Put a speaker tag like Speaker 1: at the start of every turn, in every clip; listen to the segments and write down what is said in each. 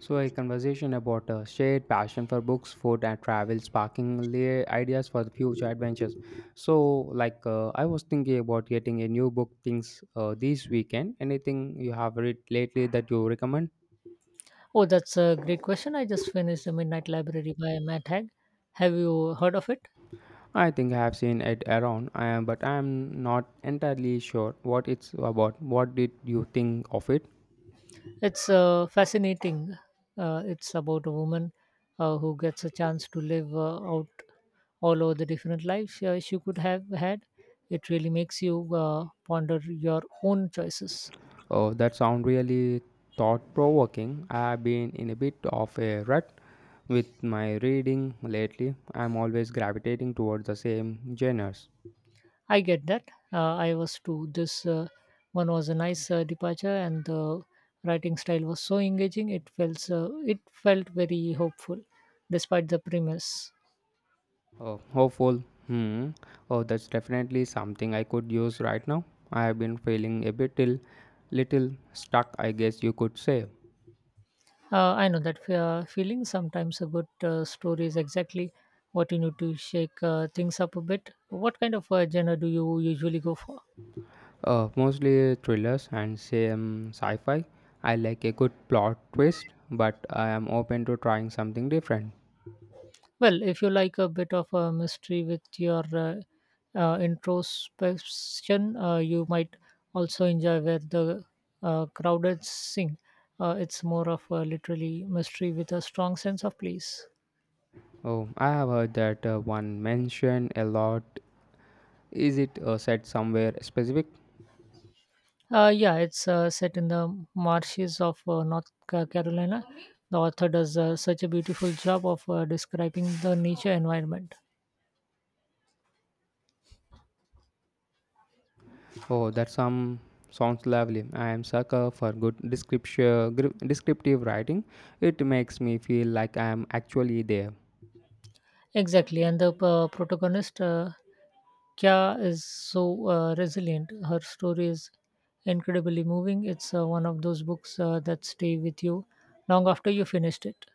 Speaker 1: So, a conversation about a shared passion for books, food, and travel, sparking ideas for the future adventures. So, I was thinking about getting a new book things this weekend. Anything you have read lately that you recommend?
Speaker 2: Oh, that's a great question. I just finished The Midnight Library by Matt Haig. Have you heard of it?
Speaker 1: I think I have seen it around, I am, but I am not entirely sure what it's about. What did you think of it?
Speaker 2: It's fascinating. It's about a woman who gets a chance to live out all over the different lives she could have had. It really makes you ponder your own choices.
Speaker 1: Oh, that sounds really thought provoking. I've been in a bit of a rut with my reading lately. I'm always gravitating towards the same genres.
Speaker 2: I get that. I was too. This one was a nice departure, and the writing style was so engaging. It felt very hopeful, despite the premise.
Speaker 1: Oh, hopeful. Hmm. Oh, that's definitely something I could use right now. I have been feeling a bit till, little stuck, I guess you could say.
Speaker 2: I know that feeling. Sometimes a good story is exactly what you need to shake things up a bit. What kind of genre do you usually go for?
Speaker 1: Mostly thrillers and same sci-fi. I like a good plot twist, but I am open to trying something different.
Speaker 2: Well, if you like a bit of a mystery with your introspection, you might also enjoy where the crowded sing. It's more of a literally mystery with a strong sense of place.
Speaker 1: Oh, I have heard that one mentioned a lot. Is it set somewhere specific?
Speaker 2: Yeah, it's set in the marshes of Carolina. The author does such a beautiful job of describing the nature environment.
Speaker 1: Oh, that some sounds lovely. I am sucker for good description, descriptive writing. It makes me feel like I am actually there.
Speaker 2: Exactly, and the protagonist, Kya, is so resilient. Her story is incredibly moving. It's one of those books that stay with you long after you finished it.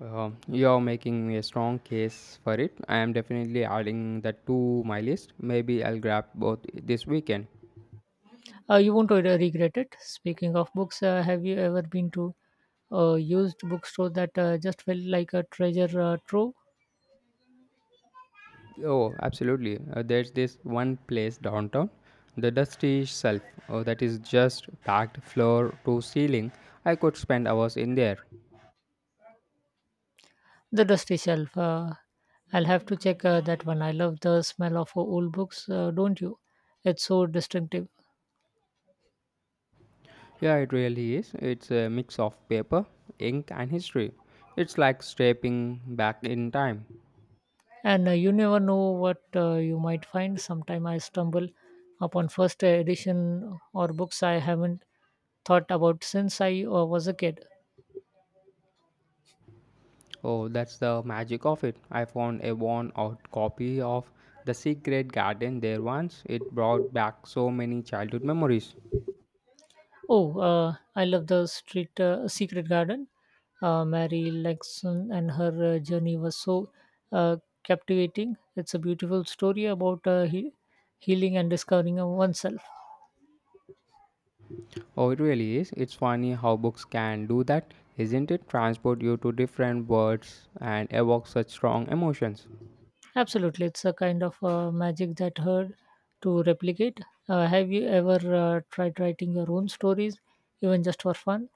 Speaker 1: You're making a strong case for it. I am definitely adding that to my list. Maybe I'll grab both this weekend.
Speaker 2: You won't regret it. Speaking of books, have you ever been to a used bookstore that just felt like a treasure trove?
Speaker 1: Oh, absolutely. There's this one place downtown, the Dusty Shelf, oh, that is just packed floor to ceiling. I could spend hours in there.
Speaker 2: The dusty shelf. I'll have to check that one. I love the smell of old books, don't you? It's so distinctive.
Speaker 1: Yeah, it really is. It's a mix of paper, ink, and history. It's like stepping back in time.
Speaker 2: And you never know what you might find. Sometimes I stumble upon first edition or books I haven't thought about since I was a kid.
Speaker 1: Oh, that's the magic of it. I found a worn out copy of The Secret Garden there once. It brought back so many childhood memories.
Speaker 2: Oh, I love the street secret garden. Mary Lexon and her journey was so uh, captivating. It's a beautiful story about healing and discovering oneself.
Speaker 1: Oh, it really is. It's funny how books can do that, isn't it? Transport you to different worlds and evoke such strong emotions.
Speaker 2: Absolutely, it's a kind of magic that hard to replicate. Have you ever tried writing your own stories, even just for fun?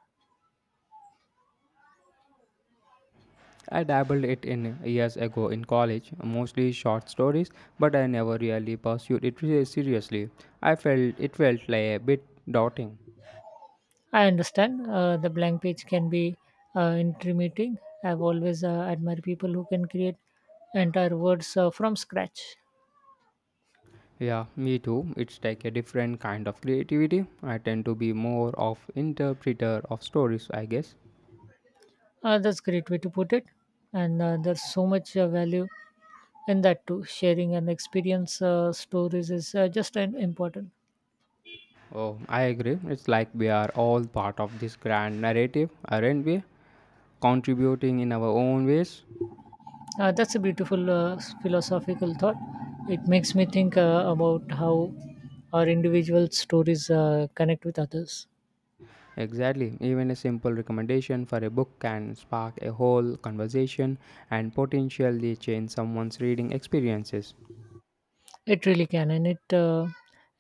Speaker 1: I dabbled it in years ago in college, mostly short stories, but I never really pursued it seriously. I felt it felt like a bit daunting.
Speaker 2: I understand the blank page can be intimidating. I've always admired people who can create entire words from scratch.
Speaker 1: Yeah, me too. It's like a different kind of creativity. I tend to be more of interpreter of stories, I guess.
Speaker 2: That's a great way to put it, and there's so much value in that too. Sharing an experience, stories is just an important.
Speaker 1: Oh, I agree. It's like we are all part of this grand narrative, aren't we? Contributing in our own ways.
Speaker 2: That's a beautiful philosophical thought. It makes me think about how our individual stories connect with others.
Speaker 1: Exactly. Even a simple recommendation for a book can spark a whole conversation and potentially change someone's reading experiences.
Speaker 2: It really can, and it uh,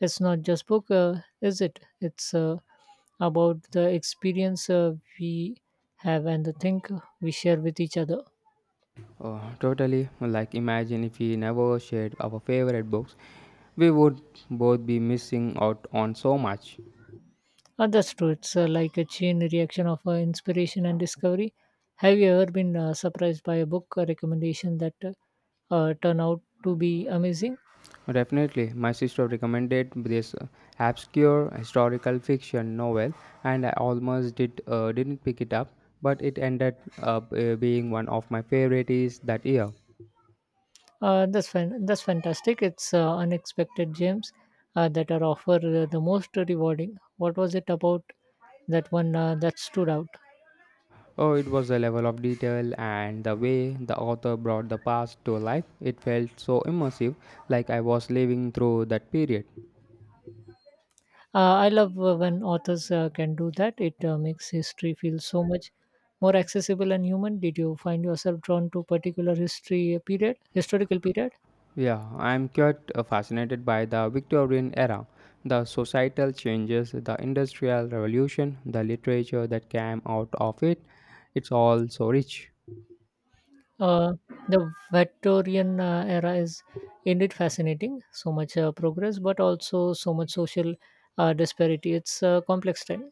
Speaker 2: it's not just book, is it? It's about the experience we have and the thing we share with each other.
Speaker 1: Oh, totally. Like, imagine if we never shared our favorite books, we would both be missing out on so much.
Speaker 2: That's true. It's like a chain reaction of inspiration and discovery. Have you ever been surprised by a book recommendation that turn out to be amazing?
Speaker 1: Definitely, my sister recommended this obscure historical fiction novel, and I almost didn't pick it up, but it ended up being one of my favorites that year.
Speaker 2: That's fantastic. It's unexpected gems that are offer the most rewarding. What was it about that one that stood out?
Speaker 1: Oh, it was the level of detail and the way the author brought the past to life. It felt so immersive, like I was living through that period.
Speaker 2: I love when authors can do that. It makes history feel so much more accessible and human. Did you find yourself drawn to historical period?
Speaker 1: Yeah, I'm quite fascinated by the Victorian era, the societal changes, the industrial revolution, the literature that came out of it. It's all so rich.
Speaker 2: Uh, the Victorian era is indeed fascinating. So much progress, but also so much social disparity. It's a complex time.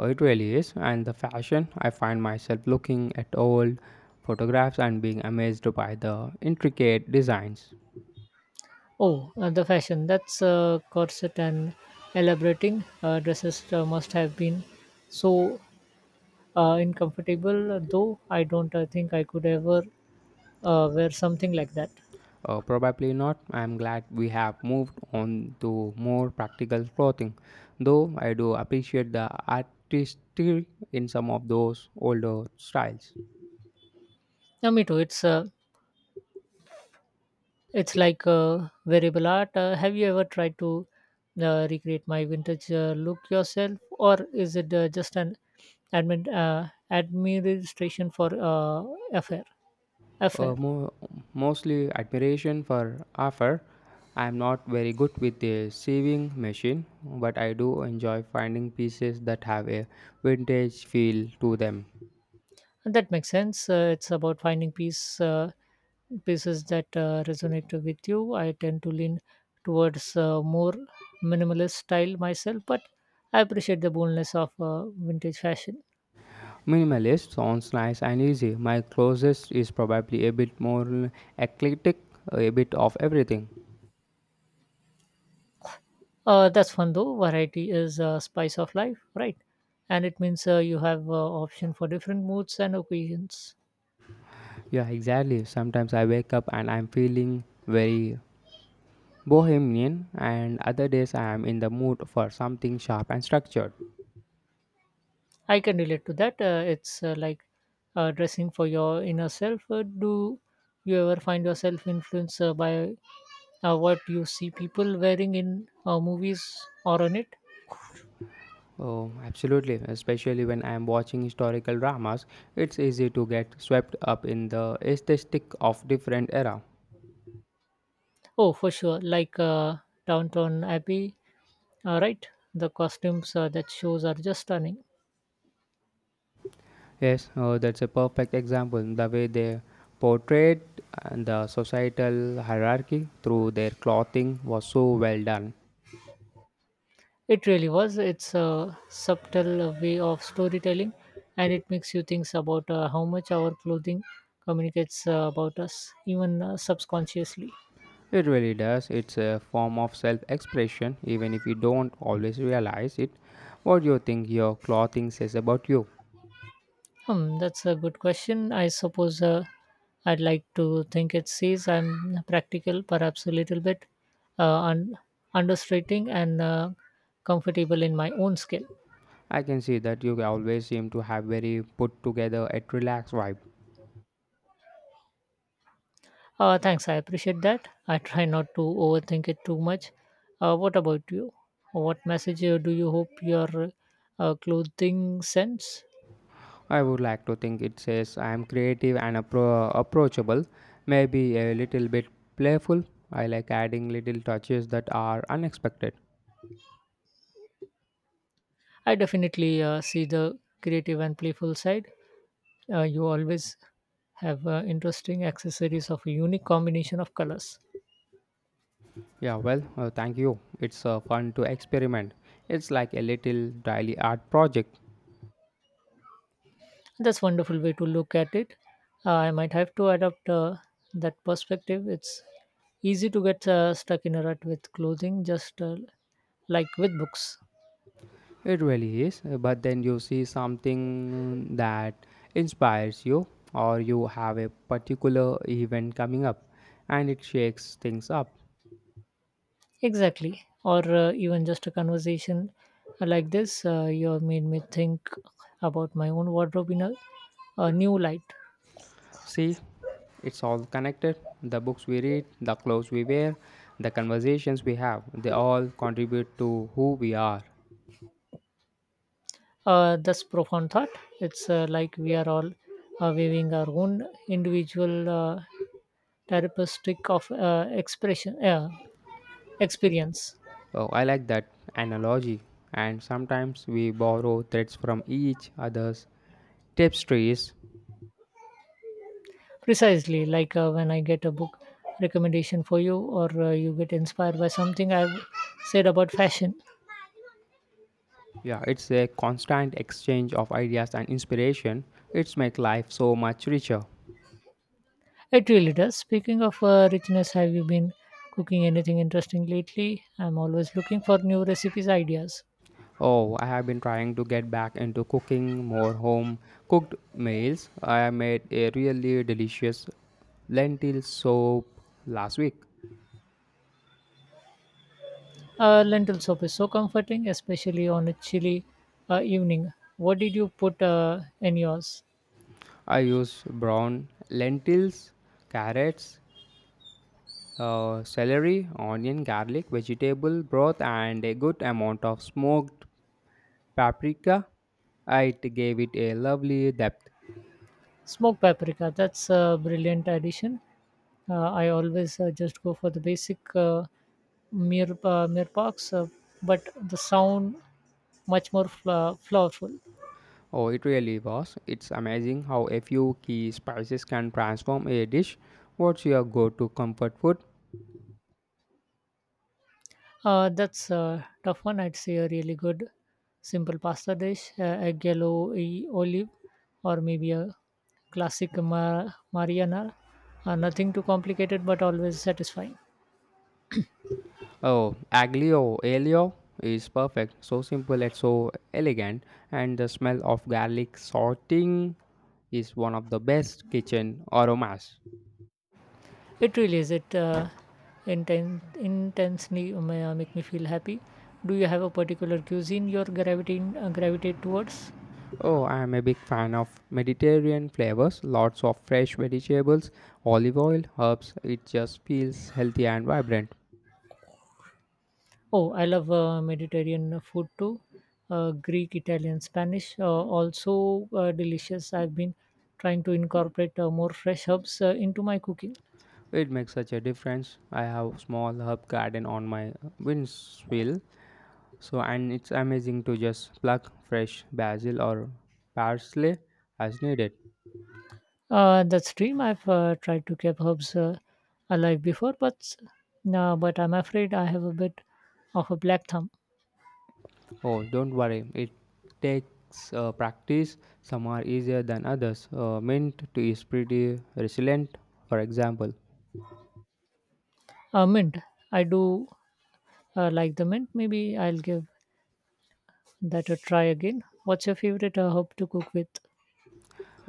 Speaker 1: It really is. And the fashion, I find myself looking at old photographs and being amazed by the intricate designs.
Speaker 2: Oh, the fashion. That's corset and elaborating dresses must have been so uncomfortable, though I don't think I could ever wear something like that.
Speaker 1: Probably not. I'm glad we have moved on to more practical clothing, though I do appreciate the artistry in some of those older styles.
Speaker 2: Yeah, me too. It's like variable art. Have you ever tried to recreate my vintage look yourself, or is it just an administration for affair?
Speaker 1: Uh,
Speaker 2: affair?
Speaker 1: mo- mostly admiration for Afar. I am not very good with the sewing machine, but I do enjoy finding pieces that have a vintage feel to them.
Speaker 2: That makes sense. It's about finding pieces that resonate with you. I tend to lean towards more minimalist style myself, but I appreciate the boldness of vintage fashion.
Speaker 1: Minimalist sounds nice and easy. My closest is probably a bit more eclectic, a bit of everything.
Speaker 2: That's fun though. Variety is a spice of life, right? And it means you have option for different moods and occasions.
Speaker 1: Yeah, exactly. Sometimes I wake up and I'm feeling very bohemian, and other days I am in the mood for something sharp and structured.
Speaker 2: I can relate to that. It's like dressing for your inner self. Do you ever find yourself influenced by what you see people wearing in movies or on it.
Speaker 1: Oh, absolutely. Especially when I am watching historical dramas, it's easy to get swept up in the aesthetic of different era.
Speaker 2: Oh, for sure, like Downtown Abbey, right? The costumes that shows are just stunning.
Speaker 1: Yes, that's a perfect example. The way they portrayed and the societal hierarchy through their clothing was so well done.
Speaker 2: It really was. It's a subtle way of storytelling, and it makes you think about how much our clothing communicates about us, even subconsciously.
Speaker 1: It really does. It's a form of self-expression, even if you don't always realize it. What do you think your clothing says about you?
Speaker 2: Hmm, that's a good question. I suppose I'd like to think it sees I'm practical, perhaps a little bit uh, un- understating and comfortable in my own skill.
Speaker 1: I can see that you always seem to have very put together, a relaxed vibe.
Speaker 2: Thanks, I appreciate that. I try not to overthink it too much. What about you? What message do you hope your clothing sends?
Speaker 1: I would like to think it says I am creative and approachable, maybe a little bit playful. I like adding little touches that are unexpected.
Speaker 2: I definitely see the creative and playful side. You always have interesting accessories of a unique combination of colors.
Speaker 1: Yeah, well, thank you. It's fun to experiment. It's like a little daily art project.
Speaker 2: That's wonderful way to look at it. I might have to adopt that perspective. It's easy to get stuck in a rut with clothing, just like with books.
Speaker 1: It really is. But then you see something that inspires you, or you have a particular event coming up and it shakes things up.
Speaker 2: Exactly. Or even just a conversation like this, you have made me think about my own wardrobe in a new light.
Speaker 1: See, it's all connected. The books we read, the clothes we wear, the conversations we have, they all contribute to who we are.
Speaker 2: This profound thought. It's like we are all weaving our own individual therapeutic of expression experience.
Speaker 1: Oh, I like that analogy. And sometimes we borrow threads from each other's tapestries.
Speaker 2: Precisely, like when I get a book recommendation for you, or you get inspired by something I've said about fashion.
Speaker 1: Yeah, it's a constant exchange of ideas and inspiration. It's make life so much richer.
Speaker 2: It really does. Speaking of richness, have you been cooking anything interesting lately? I'm always looking for new recipes ideas.
Speaker 1: Oh, I have been trying to get back into cooking more home cooked meals. I made a really delicious lentil soup last week.
Speaker 2: Lentil soup is so comforting, especially on a chilly evening. What did you put in yours?
Speaker 1: I used brown lentils, carrots, celery, onion, garlic, vegetable broth, and a good amount of smoked paprika. It gave it a lovely depth.
Speaker 2: Smoked paprika. That's a brilliant addition. I always just go for the basic mirpax, but the sound much more flavorful.
Speaker 1: Oh, it really was. It's amazing how a few key spices can transform a dish. What's your go to comfort food?
Speaker 2: That's a tough one. I'd say a really good simple pasta dish, egg yellow olive, or maybe a classic Mariana. Nothing too complicated, but always satisfying.
Speaker 1: Oh, aglio olio is perfect. So simple and so elegant, and the smell of garlic sorting is one of the best kitchen aromas.
Speaker 2: It really is. It intensely make me feel happy. Do you have a particular cuisine you're gravitating gravitate towards?
Speaker 1: Oh, I am a big fan of Mediterranean flavors. Lots of fresh vegetables, olive oil, herbs. It just feels healthy and vibrant.
Speaker 2: Oh, I love Mediterranean food too. Greek, Italian, Spanish, also delicious. I've been trying to incorporate more fresh herbs into my cooking.
Speaker 1: It makes such a difference. I have small herb garden on my windshield, so and it's amazing to just pluck fresh basil or parsley as needed.
Speaker 2: That's dream. I've tried to keep herbs alive before, but I'm afraid I have a bit of a black thumb.
Speaker 1: Oh, don't worry. It takes practice. Some are easier than others. Mint tea is pretty resilient, for example.
Speaker 2: Mint. I do like the mint. Maybe I'll give that a try again. What's your favorite herb to cook with?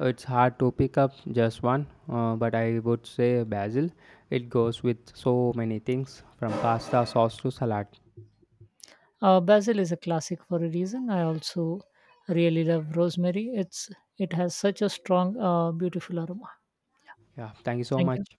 Speaker 1: It's hard to pick up just one, but I would say basil. It goes with so many things from pasta sauce to salad.
Speaker 2: Basil is a classic for a reason. I also really love rosemary. It has such a strong, beautiful aroma.
Speaker 1: Yeah, thank you so
Speaker 2: Thank you.
Speaker 1: much.